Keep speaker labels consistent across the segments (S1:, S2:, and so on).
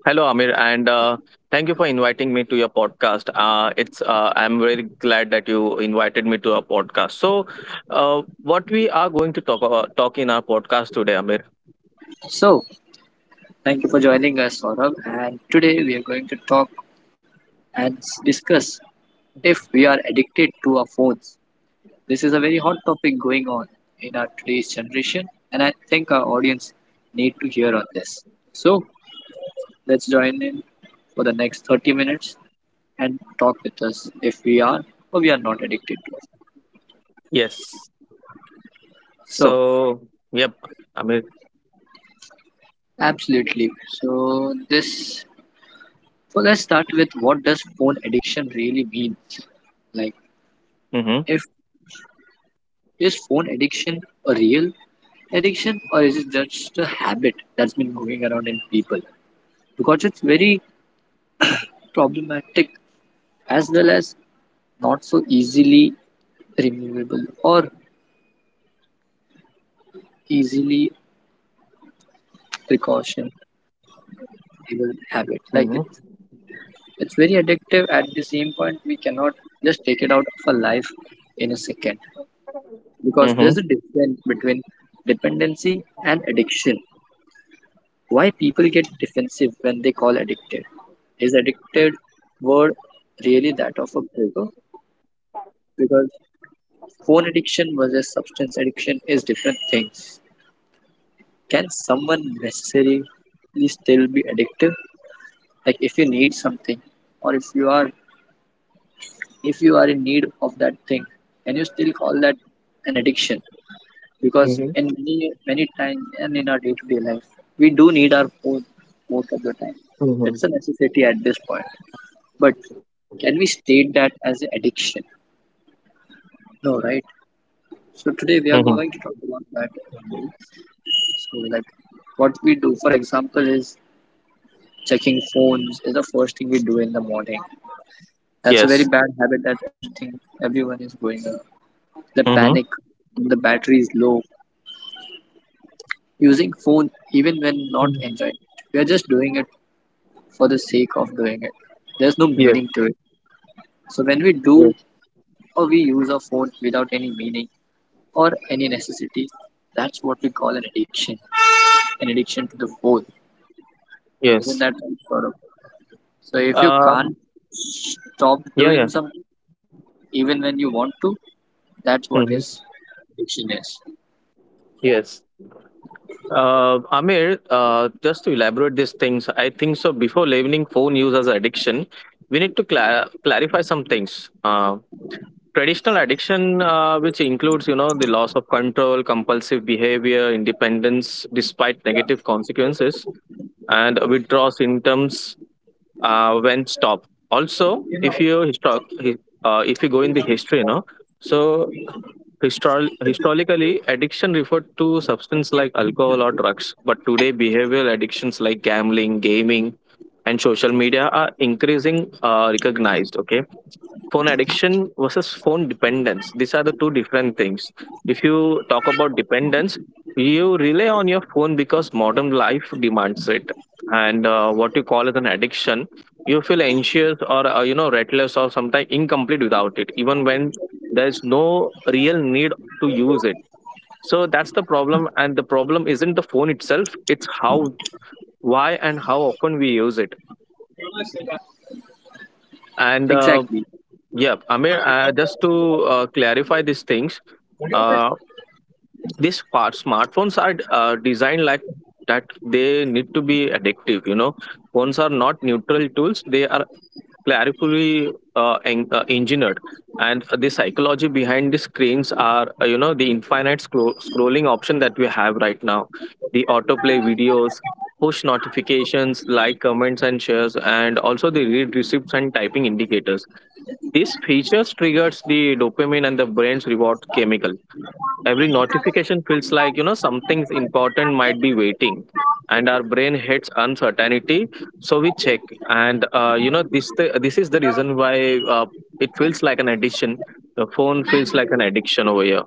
S1: Hello, Amir, and thank you for inviting me to your podcast. It's I'm very glad that you invited me to our podcast. Uh, what we are going to talk in our podcast today, Amir?
S2: So, thank you for joining us, Saurabh. And today we are going to talk and discuss if we are addicted to our phones. This is a very hot topic going on in our today's generation, and I think our audience need to hear on this. So, let's join in for the next 30 minutes and talk with us if we are or we are not addicted to it.
S1: Yes.
S2: So,
S1: So, yep, Amir.
S2: absolutely. So let's start with what does phone addiction really mean? Like
S1: Mm-hmm.
S2: if is phone addiction a real addiction or is it just a habit that's been moving around in people? Because it's very problematic as well as not so easily removable or easily precautionable habit. Like it,
S1: Mm-hmm.
S2: it's very addictive at the same point we cannot just take it out of our life in a second. Because
S1: Mm-hmm.
S2: there's a difference between dependency and addiction. Why people get defensive when they call addicted? Is addicted word really that of a breaker? Because phone addiction versus substance addiction is different things. Can someone necessarily still be addictive? Like if you need something, or if you are in need of that thing, can you still call that an addiction? Because
S1: Mm-hmm.
S2: in many many times and in our day to day life, we do need our phone most of the time.
S1: Mm-hmm.
S2: It's a necessity at this point. But can we state that as an addiction? No, right? So today we are going to
S1: Mm-hmm.
S2: talk about that only. So like what we do, for example, is checking phones is the first thing we do in the morning. That's a very
S1: Yes.
S2: bad habit that everything everyone is going on. The
S1: Mm-hmm.
S2: panic, when the battery is low. Using phone even when not enjoying it. We are just doing it for the sake of doing it. There's no
S1: Yes.
S2: meaning to it. So when we do
S1: Yes.
S2: or we use our phone without any meaning or any necessity, that's what we call an addiction. An addiction to the phone. Isn't
S1: Yes.
S2: that right, Gaurav? So if you
S1: Uh,
S2: can't stop
S1: yeah. Yeah.
S2: doing something even when you want to, that's what is
S1: Mm-hmm.
S2: addiction is.
S1: Yes. Amir, just to elaborate these things, I think so. Before labeling phone use as addiction, we need to clarify some things. Traditional addiction, which includes, you know, the loss of control, compulsive behavior, independence despite negative consequences, and withdrawal symptoms when stopped. Also, if you go in the history, you know, so historically, addiction referred to substances like alcohol or drugs, but today behavioral addictions like gambling, gaming, and social media are increasing recognized. Okay, phone addiction versus phone dependence, these are the two different things. If you talk about dependence, you rely on your phone because modern life demands it, and what you call as an addiction, you feel anxious or you know, restless or sometimes incomplete without it, even when there is no real need to use it. So that's the problem, and the problem isn't the phone itself, it's how, why, and how often we use it. And
S2: Exactly.
S1: Yeah, Amir, just to clarify these things, uh, smartphones are designed like that they need to be addictive. You know, phones are not neutral tools, they are carefully engineered. And the psychology behind the screens are, you know, the infinite scrolling option that we have right now, the autoplay videos, push notifications, like comments and shares, and also the read receipts and typing indicators, this feature triggers the dopamine and the brain's reward chemical. Every notification feels like, you know, something's important might be waiting. And our brain hates uncertainty, so we check. And you know, this is the reason why it feels like an addiction. The phone feels like an addiction over here.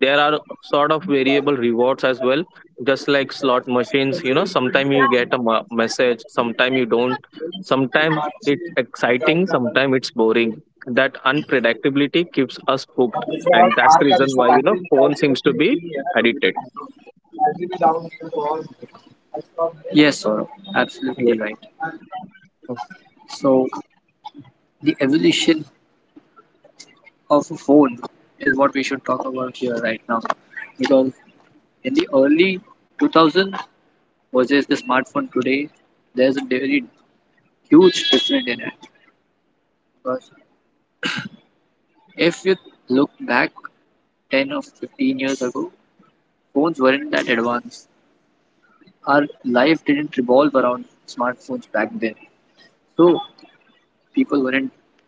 S1: There are sort of variable rewards as well, just like slot machines. You know, sometimes you get a message, sometimes you don't. Sometimes it's exciting, sometimes it's boring. That unpredictability keeps us
S2: अब
S1: hooked,
S2: जैसे यार
S1: and
S2: car का
S1: that's the
S2: जैसे
S1: reason why,
S2: battery
S1: you know,
S2: निकाल के
S1: phone
S2: रखी
S1: seems
S2: रहती
S1: to
S2: ही है
S1: be
S2: ना, तो भी
S1: addicted.
S2: बैटरी भी डाउन हो तो और. Yes, Gaurav. Absolutely right.
S1: Yes,
S2: So, the evolution of a phone is what we should talk about here right now. Because in the early 2000s versus the smartphone today, there's a very huge difference in it. Because if you look back 10 or 15 years ago, phones weren't that advanced. Our life didn't revolve around smartphones back then. So, people weren't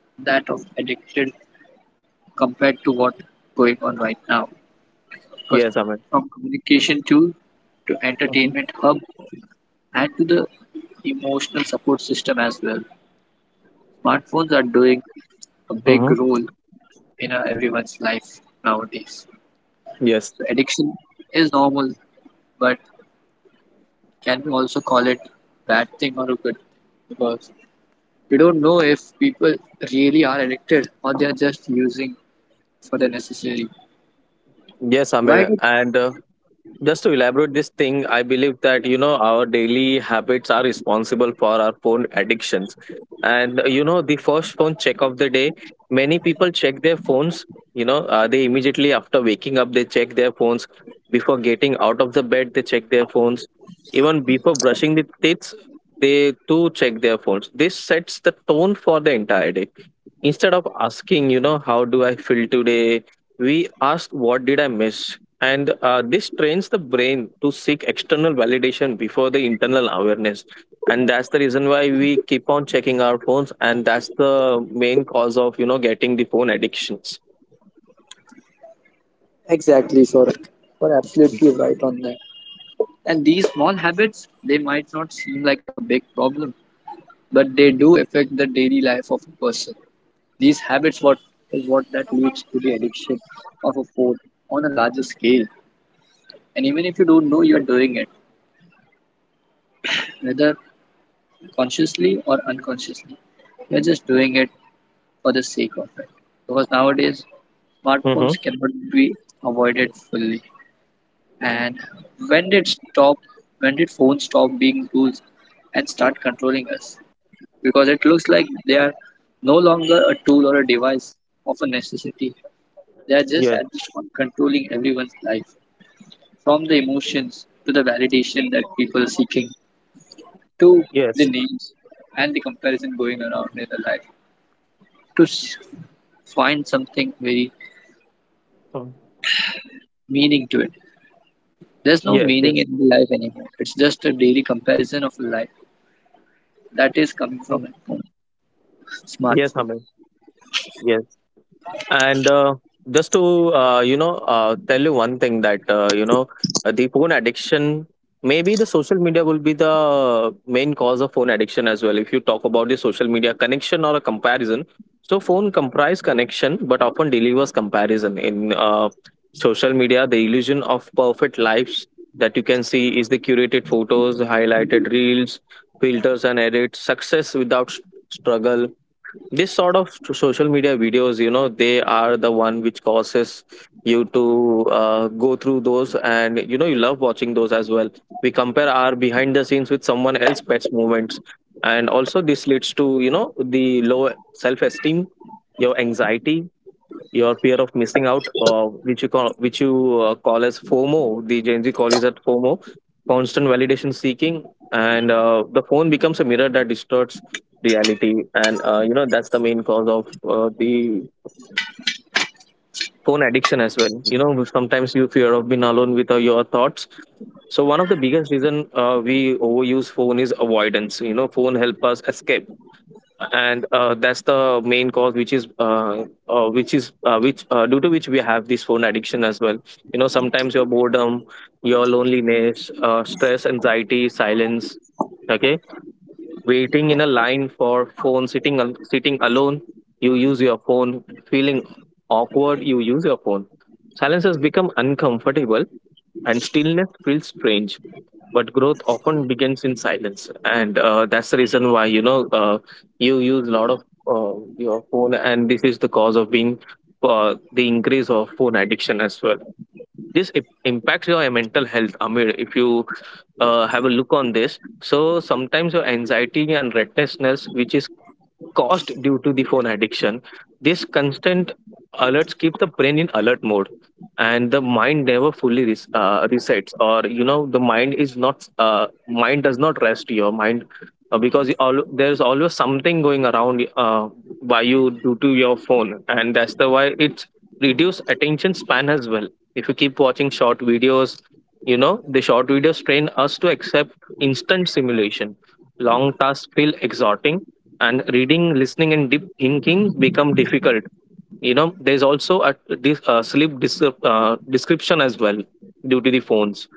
S2: that of addicted compared to what going on right now. First,
S1: yes, I mean,
S2: from communication to entertainment hub and to the emotional support system as well. Smartphones are doing a big
S1: mm-hmm.
S2: role in everyone's life nowadays.
S1: Yes,
S2: So addiction is normal, but can we also call it bad thing or a good thing? Because we don't know if people really are addicted or they are just using for the necessary.
S1: yes,
S2: Why
S1: Amir,
S2: did
S1: and just to elaborate this thing, I believe that, you know, our daily habits are responsible for our phone addictions. And you know, the first phone check of the day, many people check their phones. They, immediately after waking up, they check their phones. Before getting out of the bed, they check their phones. Even before brushing the teeth, they too check their phones. This sets the tone for the entire day. Instead of asking, you know, how do I feel today, we ask, what did I miss? And this trains the brain to seek external validation before the internal awareness. And that's the reason why we keep on checking our phones. And that's the main cause of, you know, getting the phone addictions.
S2: exactly, sir? You're absolutely right on that. And these small habits, they might not seem like a big problem, but they do affect the daily life of a person. These habits what is what that leads to the addiction of a phone on a larger scale. And even if you don't know you are doing it, whether consciously or unconsciously, you're just doing it for the sake of it. Because nowadays
S1: Mm-hmm.
S2: smartphones cannot be avoided fully. And when did stop when did phones stop being tools and start controlling us? Because it looks like they are no longer a tool or a device of a necessity. They are just
S1: Yes,
S2: at this point controlling everyone's life, from the emotions to the validation that people are seeking, to the
S1: yes.
S2: names and the comparison going around in their life, to find something very
S1: Um,
S2: meaning to it. There's no
S1: yes,
S2: meaning
S1: yes,
S2: in the life anymore. It's just a daily comparison of life that is coming from a phone,
S1: yes,
S2: smartphone.
S1: Aman. Yes. And just to tell you one thing that, you know, the phone addiction, maybe the social media will be the main cause of phone addiction as well. If you talk about the social media connection or a comparison, so phone comprise connection but often delivers comparison in social media. The illusion of perfect lives that you can see is the curated photos, highlighted reels, filters and edits, success without struggle. This sort of social media videos, you know, they are the one which causes you to go through those, and you know, you love watching those as well. We compare our behind the scenes with someone else pets moments, and also this leads to, you know, the low self esteem, your anxiety, your fear of missing out, which you call, which you call as FOMO. The Gen Z call is at FOMO, constant validation seeking, and the phone becomes a mirror that distorts reality, and you know, that's the main cause of the phone addiction as well. You know, sometimes you fear of being alone with your thoughts. So one of the biggest reason, we overuse phone is avoidance. You know, phone help us escape, and that's the main cause which is which is which due to which we have this phone addiction as well. You know, sometimes your boredom, your loneliness, stress, anxiety, silence. Okay, waiting in a line for phone, sitting sitting alone, you use your phone. Feeling awkward, you use your phone. Silence has become uncomfortable and stillness feels strange, but growth often begins in silence. And that's the reason why, you know, you use a lot of your phone, and this is the cause of being, the increase of phone addiction as well. This impacts your mental health, Amir. If you have a look on this, so sometimes your anxiety and restlessness, which is cost due to the phone addiction. This constant alerts keeps the brain in alert mode, and the mind never fully resets. Or you know, the mind is not, mind does not rest. Your mind, there is always something going around by you due to your phone, and that's the why it's reduced attention span as well. If you keep watching short videos, you know, the short videos train us to accept instant simulation. Long tasks feel exhausting, and reading, listening and deep thinking become difficult. You know, there's also a this sleep description as well due to the phones.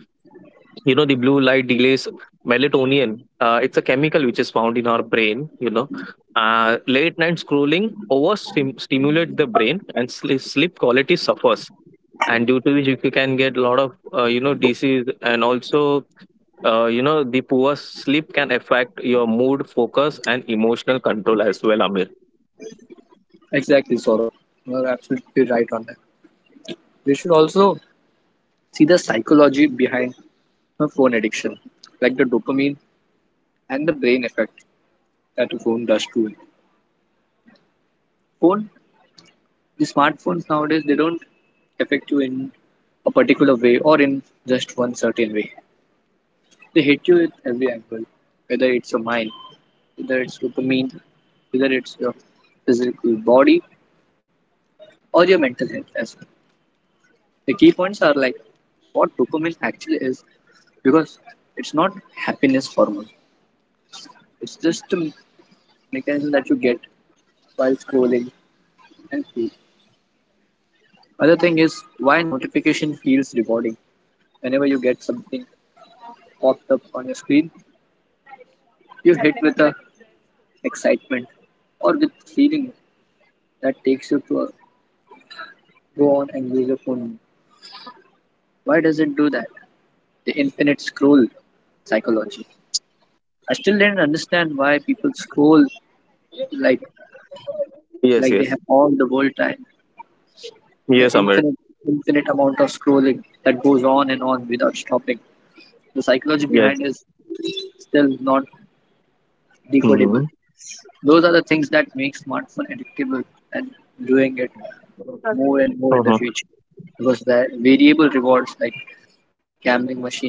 S1: You know, the blue light delays melatonin, it's a chemical which is found in our brain. You know, late night scrolling over stimulate the brain, and sleep quality suffers, and due to which you can get a lot of, you know, disease. And also, you know, the poor sleep can affect your mood, focus and emotional control as well, Amir.
S2: Exactly, Saurabh. You're absolutely right on that. We should also see the psychology behind her phone addiction, like the dopamine and the brain effect that a phone does to it. Phone, the smartphones nowadays, they don't affect you in a particular way or in just one certain way. They hit you at every angle, whether it's your mind, whether it's dopamine, whether it's your physical body or your mental health as well. The key points are like what dopamine actually is because it's not happiness hormone. It's just a mechanism that you get while scrolling endlessly. Other thing is why notification feels rewarding. Whenever you get something popped up on your screen, you hit with a excitement or with feeling that takes you to go on and use your phone. Why does it do that? The infinite scroll psychology. I still didn't understand why people scroll like
S1: Yes,
S2: like they
S1: yes.
S2: have all the world time. The
S1: Yes, Amir.
S2: infinite amount of scrolling that goes on and on without stopping. The psychology
S1: Yes.
S2: behind is still not decodable.
S1: Mm-hmm.
S2: Those are the things that make smartphone addictable and doing it more and more in the
S1: Mm-hmm.
S2: future because the variable rewards like gambling machines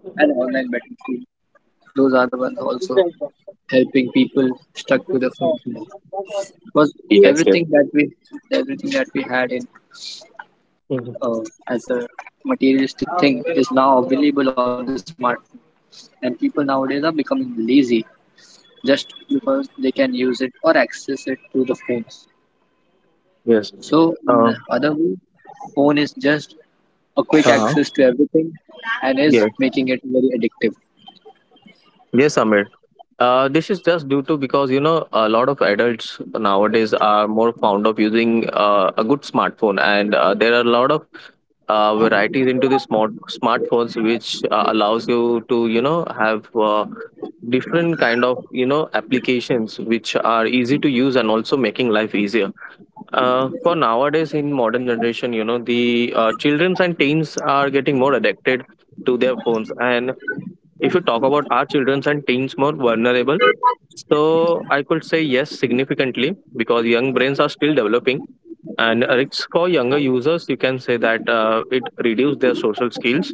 S2: and online betting screen, those are the ones also helping people stuck to the phone more. Because
S1: Yes, yes.
S2: everything that we everything that we had in
S1: Hmm.
S2: uh, as a materialistic thing is now available on the smartphone, and people nowadays are becoming lazy just because they can use it or access it through the phones.
S1: Yes.
S2: So, in
S1: Uh,
S2: the other way, phone is just a quick
S1: uh,
S2: access to everything and is
S1: yes.
S2: making it very addictive.
S1: Yes, Amir. This is just due to because, you know, a lot of adults nowadays are more fond of using a good smartphone, and there are a lot of varieties into the smartphones, which allows you to, you know, have different kind of, you know, applications which are easy to use and also making life easier, for nowadays in modern generation. You know, the children and teens are getting more addicted to their phones. And if you talk about, are children and teens more vulnerable, so I could say yes, significantly, because young brains are still developing, and risks for younger users, you can say that it reduces their social skills,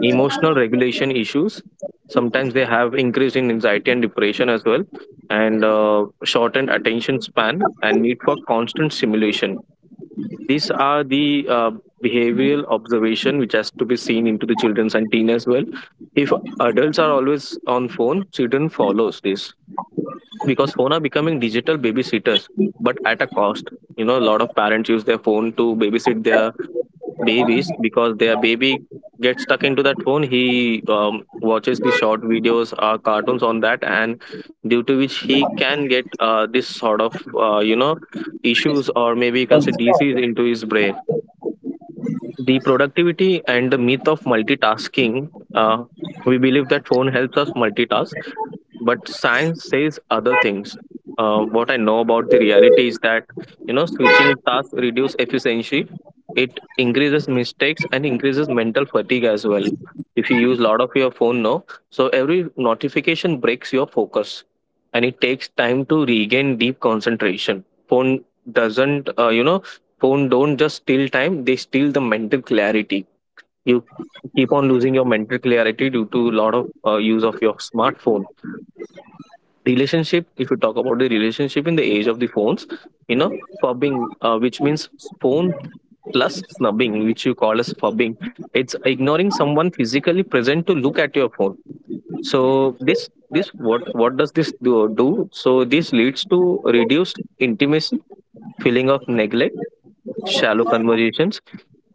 S1: emotional regulation issues. Sometimes they have increase in anxiety and depression as well, and shortened attention span and need for constant stimulation. These are the behavioral observation which has to be seen into the children's and teen as well. If adults are always on phone, children follows this, because phone are becoming digital babysitters, but at a cost. You know, a lot of parents use their phone to babysit their babies, because their baby gets stuck into that phone. He watches the short videos or cartoons on that, and due to which he can get this sort of, you know, issues, or maybe you can say disease into his brain. The productivity and the myth of multitasking, we believe that phone helps us multitask, but science says other things. What I know about the reality is that, you know, switching tasks reduce efficiency, it increases mistakes and increases mental fatigue as well. If you use a lot of your phone now, so every notification breaks your focus, and it takes time to regain deep concentration. Phone doesn't, you know, phone don't just steal time, they steal the mental clarity. You keep on losing your mental clarity due to a lot of use of your smartphone. Relationship, if you talk about the relationship in the age of the phones, you know, fubbing, which means phone plus snubbing, which you call as fubbing. It's ignoring someone physically present to look at your phone. So this what does this do? So this leads to reduced intimacy, feeling of neglect, shallow conversations.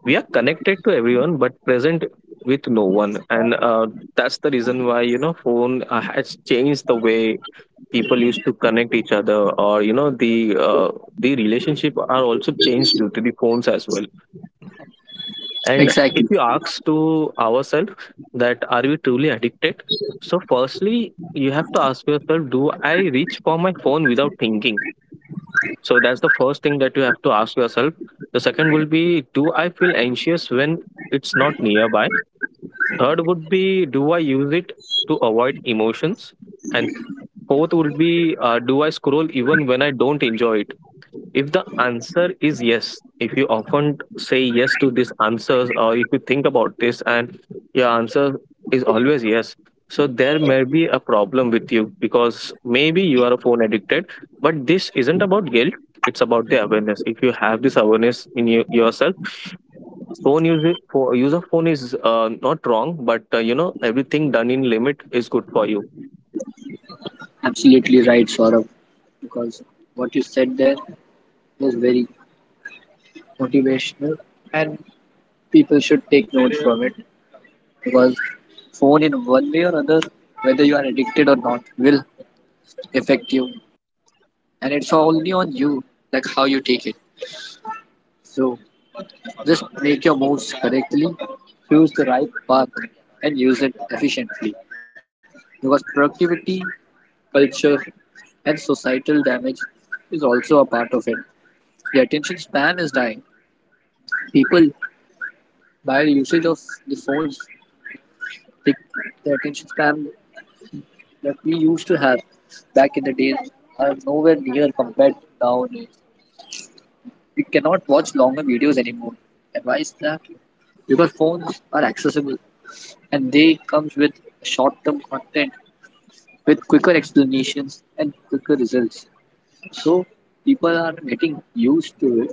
S1: We are connected to everyone but present with no one and That's the reason why phone has changed the way people used to connect each other. Or the relationship are also changed due to the phones as well. And
S2: Exactly.
S1: if you ask to ourselves, that are we truly addicted? So firstly you have to ask yourself, do I reach for my phone without thinking? So that's the first thing that you have to ask yourself. The second will be, do I feel anxious when it's not nearby? Third would be, do I use it to avoid emotions? And fourth would be, do I scroll even when I don't enjoy it? If the answer is yes, if you often say yes to these answers, or if you think about this and your answer is always yes, so there may be a problem with you, because maybe you are a phone addicted, but this isn't about guilt. It's about the awareness. If you have this awareness in you, yourself, phone use, for use of phone is not wrong, but everything done in limit is good for you.
S2: Absolutely right, Saurabh. Because what you said there was very motivational. People should take note from it because phone in one way or other, whether you are addicted or not, will affect you. And it's only on you, like how you take it. So just make your moves correctly, choose the right path, and use it efficiently. Because productivity, culture, and societal damage is also a part of it. The attention span is dying. People, by the usage of the phones, the, the attention span that we used to have back in the days are nowhere near compared to now. We cannot watch longer videos anymore. And why is that? Because phones are accessible and they comes with short-term content with quicker explanations and quicker results. So people are getting used to it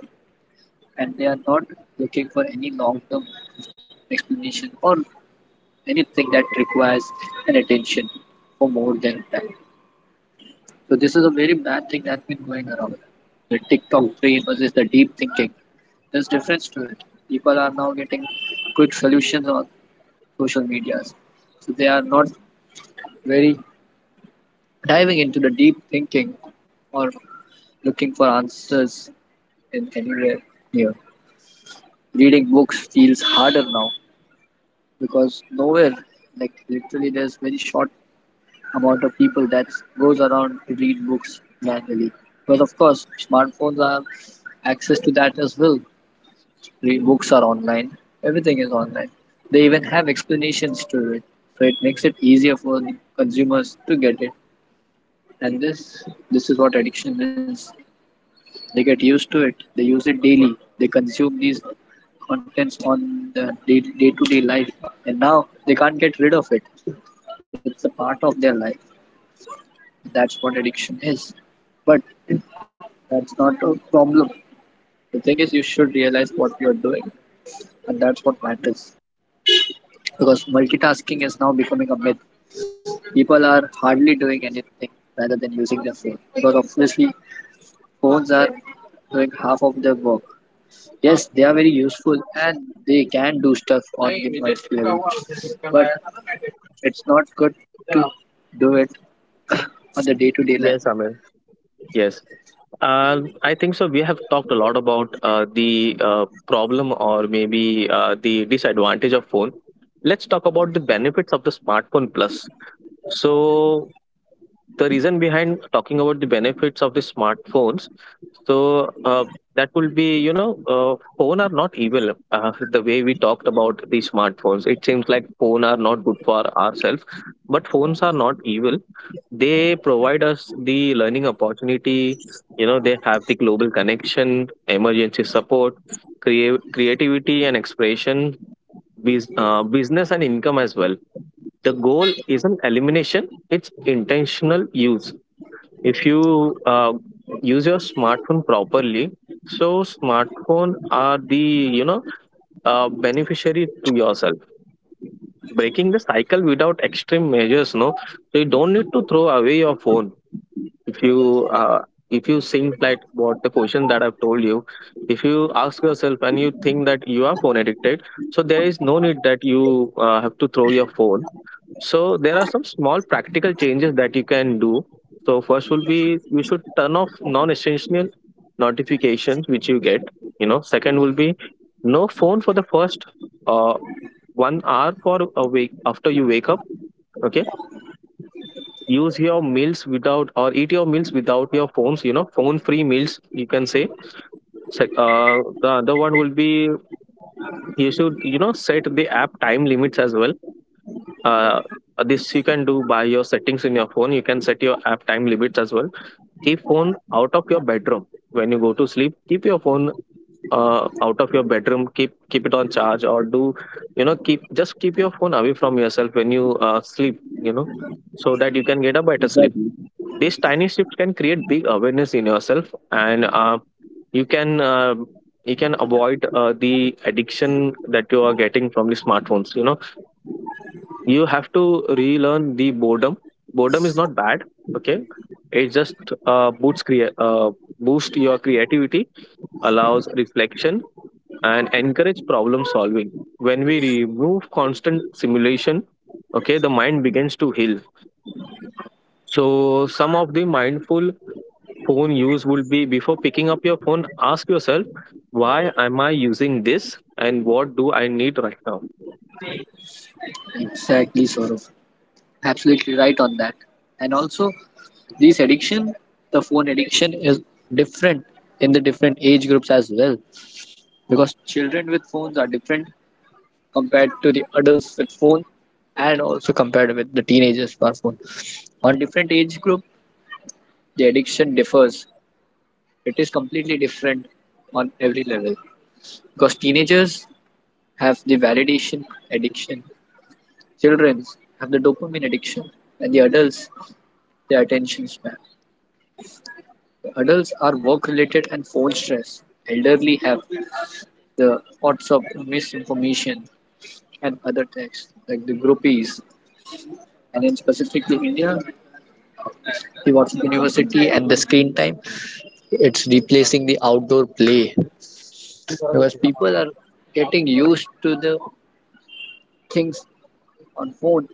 S2: and they are not looking for any long term explanation or anything that requires an attention for more than that. So this is a very bad thing that's been going around. The TikTok brain versus the deep thinking. There's difference to it. People are now getting quick solutions on social medias. So they are not very diving into the deep thinking or looking for answers in anywhere near. Reading books feels harder now because nowhere, like literally, there's very short amount of people that goes around to read books manually. But of course, smartphones have access to that as well. Books are online. Everything is online. They even have explanations to it, so it makes it easier for the consumers to get it. And this is what addiction is. They get used to it. They use it daily. They consume these contents on the day to day life. And now they can't get rid of it. It's a part of their life. That's what addiction is. But that's not a problem. The thing is, you should realize what you're doing, and that's what matters. Because multitasking is now becoming a myth. People are hardly doing anything rather than using their phone. Because obviously, phones are doing half of their work. Yes, they are very useful and they can do stuff on the multi level, but it's not good to do it on the day to day life.
S1: Yes, Amir. Yes. I think so. We have talked a lot about the problem, or maybe the disadvantage of phone. Let's talk about the benefits of the smartphone plus. So the reason behind talking about the benefits of the smartphones, so that will be, phone are not evil. The way we talked about the smartphones, it seems like phone are not good for ourselves, but phones are not evil. They provide us the learning opportunity. You know, they have the global connection, emergency support, creativity and expression, business and income as well. The goal isn't elimination, it's intentional use. If you use your smartphone properly, so smartphone are the, you know beneficiary to yourself. Breaking the cycle without extreme measures, no. So you don't need to throw away your phone. If you if you think like what the question that I've told you, if you ask yourself and you think that you are phone addicted, so there is no need that you have to throw your phone. So there are some small practical changes that you can do. So first will be, you should turn off non-essential notifications which you get. You know, second will be no phone for the first uh, 1 hour for a week after you wake up. Okay, use your meals without, or eat your meals without your phones. You know, phone-free meals you can say. The other one will be, you should, you know, set the app time limits as well. uh, this you can do by your settings in your phone. You can set your app time limits as well. Keep phone out of your bedroom. When you go to sleep, keep your phone out of your bedroom. Keep, keep it on charge, or do, you know, keep, just keep your phone away from yourself when you sleep, you know, so that you can get a better sleep.
S2: Exactly.
S1: These tiny shifts can create big awareness in yourself, and you can uh, you can avoid the addiction that you are getting from the smartphones. You know, you have to relearn the boredom. Boredom is not bad, okay. It just uh, boosts crea- uh, boost your creativity, allows reflection, and encourage problem solving. When we remove constant simulation, okay, the mind begins to heal. So some of the mindful phone use would be, before picking up your phone, ask yourself, why am I using this and what do I need right now?
S2: Exactly, Saurav. Absolutely right on that. And also, this addiction, the phone addiction, is different in the different age groups as well because children with phones are different compared to the adults with phone and also compared with the teenagers per phone. On different age group, the addiction differs. It is completely different on every level because teenagers have the validation addiction, children have the dopamine addiction, and the adults the attention span. The adults are work related and phone stress. Elderly have the lots of misinformation and other texts like the groupies, and in specifically India, the WhatsApp university and the screen time. It's replacing the outdoor play because people are getting used to the things on food,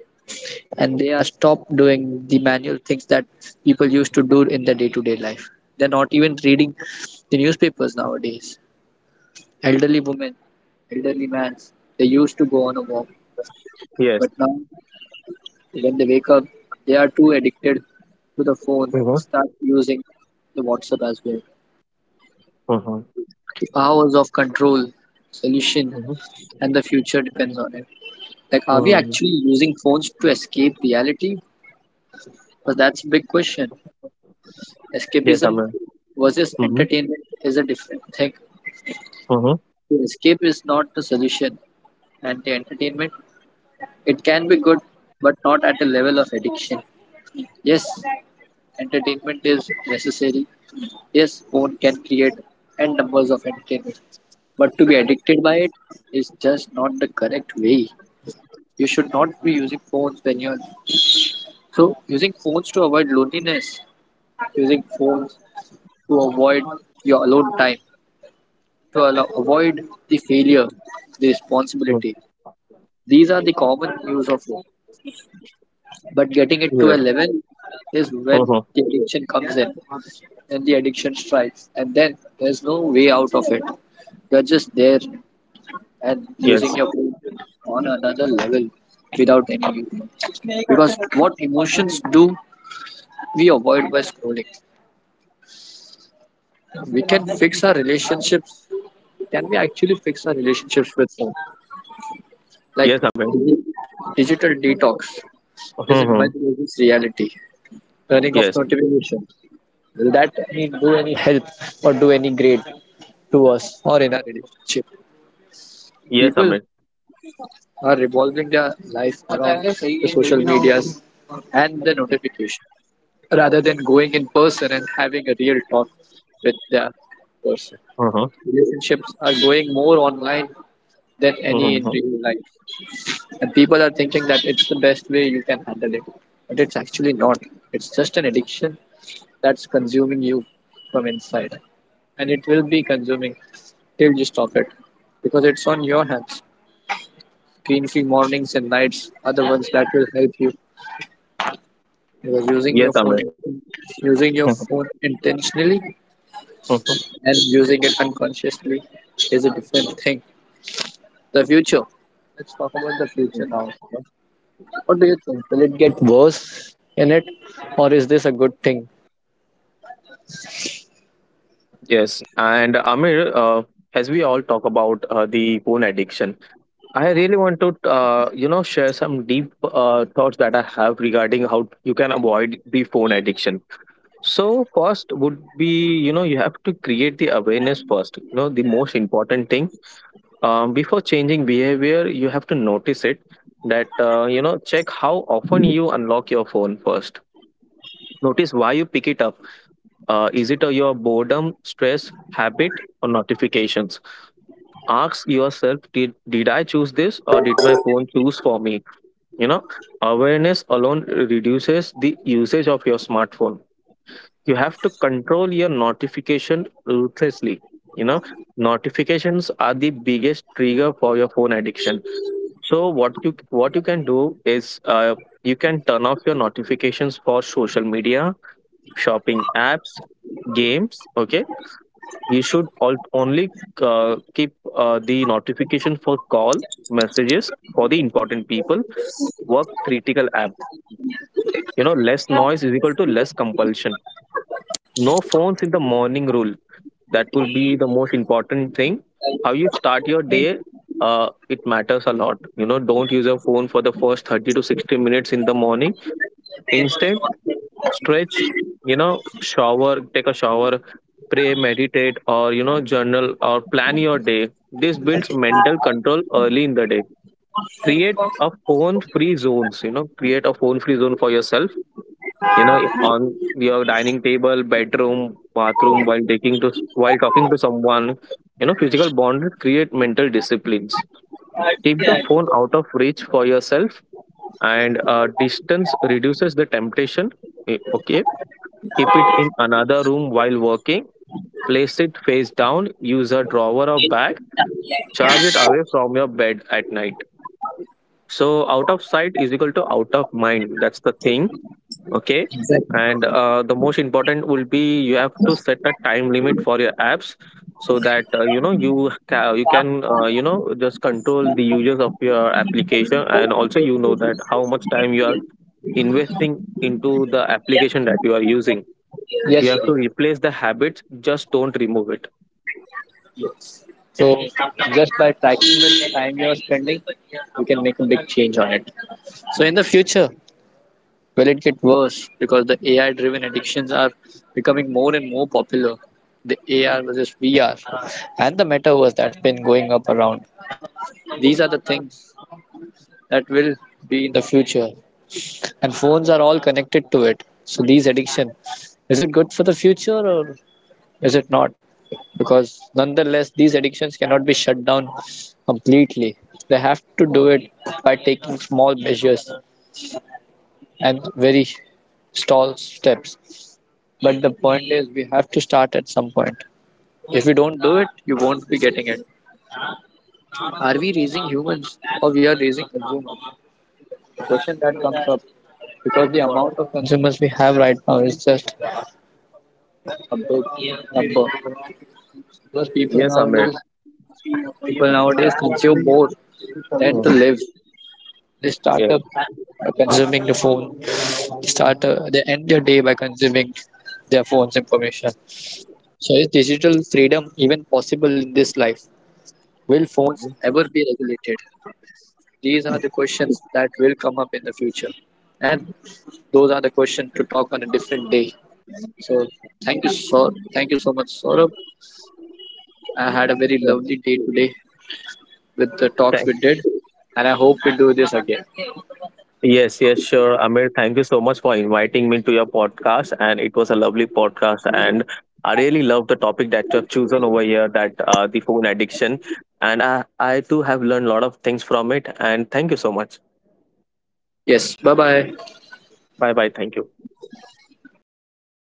S2: and they are stopped doing the manual things that people used to do in their day-to-day life. They're not even reading the newspapers nowadays. Elderly women, elderly men, they used to go on a walk,
S1: Yes.
S2: but now when they wake up, they are too addicted to the phone and
S1: Mm-hmm.
S2: start using the WhatsApp as well.
S1: Mm-hmm.
S2: The hours of control, solution, and the future depends on it. Like, are we
S1: Mm-hmm.
S2: actually using phones to escape reality? Because that's a big question.
S1: Yes,
S2: Escapism
S1: Aman.
S2: versus entertainment is a different thing.
S1: Mhm,
S2: The escape is not the solution, and the entertainment, it can be good, but not at the level of addiction. Yes, entertainment is necessary. Yes, phone can create n numbers of entertainment, but to be addicted by it is just not the correct way. You should not be using phones when you're so using phones to avoid loneliness, using phones to avoid your alone time, to allow, avoid the failure, the
S1: mhm.
S2: responsibility. These are the common use of it. But getting it to a
S1: Yes.
S2: level is when
S1: Mhm.
S2: the addiction comes in, and the addiction strikes, and then there's no way out of it. You're just there and using
S1: Yes.
S2: your brain on another level without any use. Because what emotions do we avoid by scrolling? We can fix our relationships. Can we actually fix our relationships with phone? Like,
S1: Yes, Amir.
S2: digital detox is in
S1: Mhm.
S2: much versus reality. Turning off
S1: Yes.
S2: notification. Will that mean do any help or do any great to us or in our relationship?
S1: Yes,
S2: People
S1: Amir.
S2: are revolving their life around the social medias and the notification rather than going in person and having a real talk with the person.
S1: Mhm,
S2: Relationships are going more online than any in
S1: mhm.
S2: real life. And people are thinking that it's the best way you can handle it. But it's actually not. It's just an addiction that's consuming you from inside, and it will be consuming till you stop it because it's on your hands. Screen free mornings and nights are the ones that will help you, because using
S1: Yes,
S2: your phone,
S1: Amir.
S2: using your
S1: Mhm,
S2: phone intentionally
S1: mhm.
S2: and using it unconsciously is a different thing. The future, let's talk about the future now. What do you think, will it get worse in it or is this a good thing?
S1: Yes. And Amir, as we all talk about the phone addiction, I really want to, share some deep thoughts that I have regarding how you can avoid the phone addiction. So first would be, you know, you have to create the awareness first. You know, the most important thing, before changing behavior, you have to notice it. That, you know, check how often you unlock your phone first. Notice why you pick it up. Is it your boredom, stress, habit or notifications? Ask yourself, did I choose this, or did my phone choose for me? You know, awareness alone reduces the usage of your smartphone. You have to control your notification ruthlessly. You know, notifications are the biggest trigger for your phone addiction. So what you can do is, you can turn off your notifications for social media, shopping apps, games. Okay, you should all, only keep the notification for call, messages for the important people. Work critical app. You know, less noise is equal to less compulsion. No phones in the morning rule. That will be the most important thing. How you start your day, it matters a lot. You know, don't use your phone for the first 30 to 60 minutes in the morning. Instead, stretch, you know, shower take a shower, pray, meditate, or, you know, journal or plan your day. This builds mental control early in the day. Create a phone free zones. You know, create a phone free zone for yourself. You know, on your dining table, bedroom, bathroom, while taking to while talking to someone. You know, physical bond create mental disciplines. Keep the phone out of reach for yourself, and distance reduces the temptation. Okay, keep it in another room while working. Place it face down, use a drawer or bag. Charge it away from your bed at night. So out of sight is equal to out of mind, that's the thing. Okay.
S2: Exactly.
S1: And the most important will be, you have to set a time limit for your apps, so that, you know, you you can, you know, just control the users of your application, and also, you know, that how much time you are investing into the application that you are using.
S2: Yes.
S1: You have to replace the habits, just don't remove it.
S2: So just by tracking the time you're spending, you can make a big change on it. So in the future, will it get worse because the AI driven addictions are becoming more and more popular? The AR versus VR and the metaverse that's been going up around. These are the things that will be in the future. And phones are all connected to it. So these addiction, is it good for the future or is it not? Because nonetheless these addictions cannot be shut down completely. They have to do it by taking small measures and very small steps. But the point is, we have to start at some point. If we don't do it, you won't be getting it. Are we raising humans or we are raising consumers? The question that comes up, because the amount of consumers we have right now is just a big number. Because people
S1: Yes, Amir.
S2: nowadays, people nowadays consume more than to
S1: Mhm.
S2: live. They start
S1: Yeah.
S2: up by consuming the phone. They start they end their day by consuming their phone's information. So is digital freedom even possible in this life? Will phones
S1: Mhm.
S2: ever be regulated? These are
S1: Mhm.
S2: the questions that will come up in the future. And those are the questions to talk on a different day. So thank you so much, Saurabh. I had a very
S1: Yeah.
S2: lovely day today with the talks
S1: Thank—
S2: we did, and I hope we do this again.
S1: Yes, yes, sure. Amir, thank you so much for inviting me to your podcast. And it was a lovely podcast. And I really love the topic that you have chosen over here, that the phone addiction. And I too have learned a lot of things from it. And thank you so much.
S2: Yes, bye bye.
S1: Bye bye. Thank you.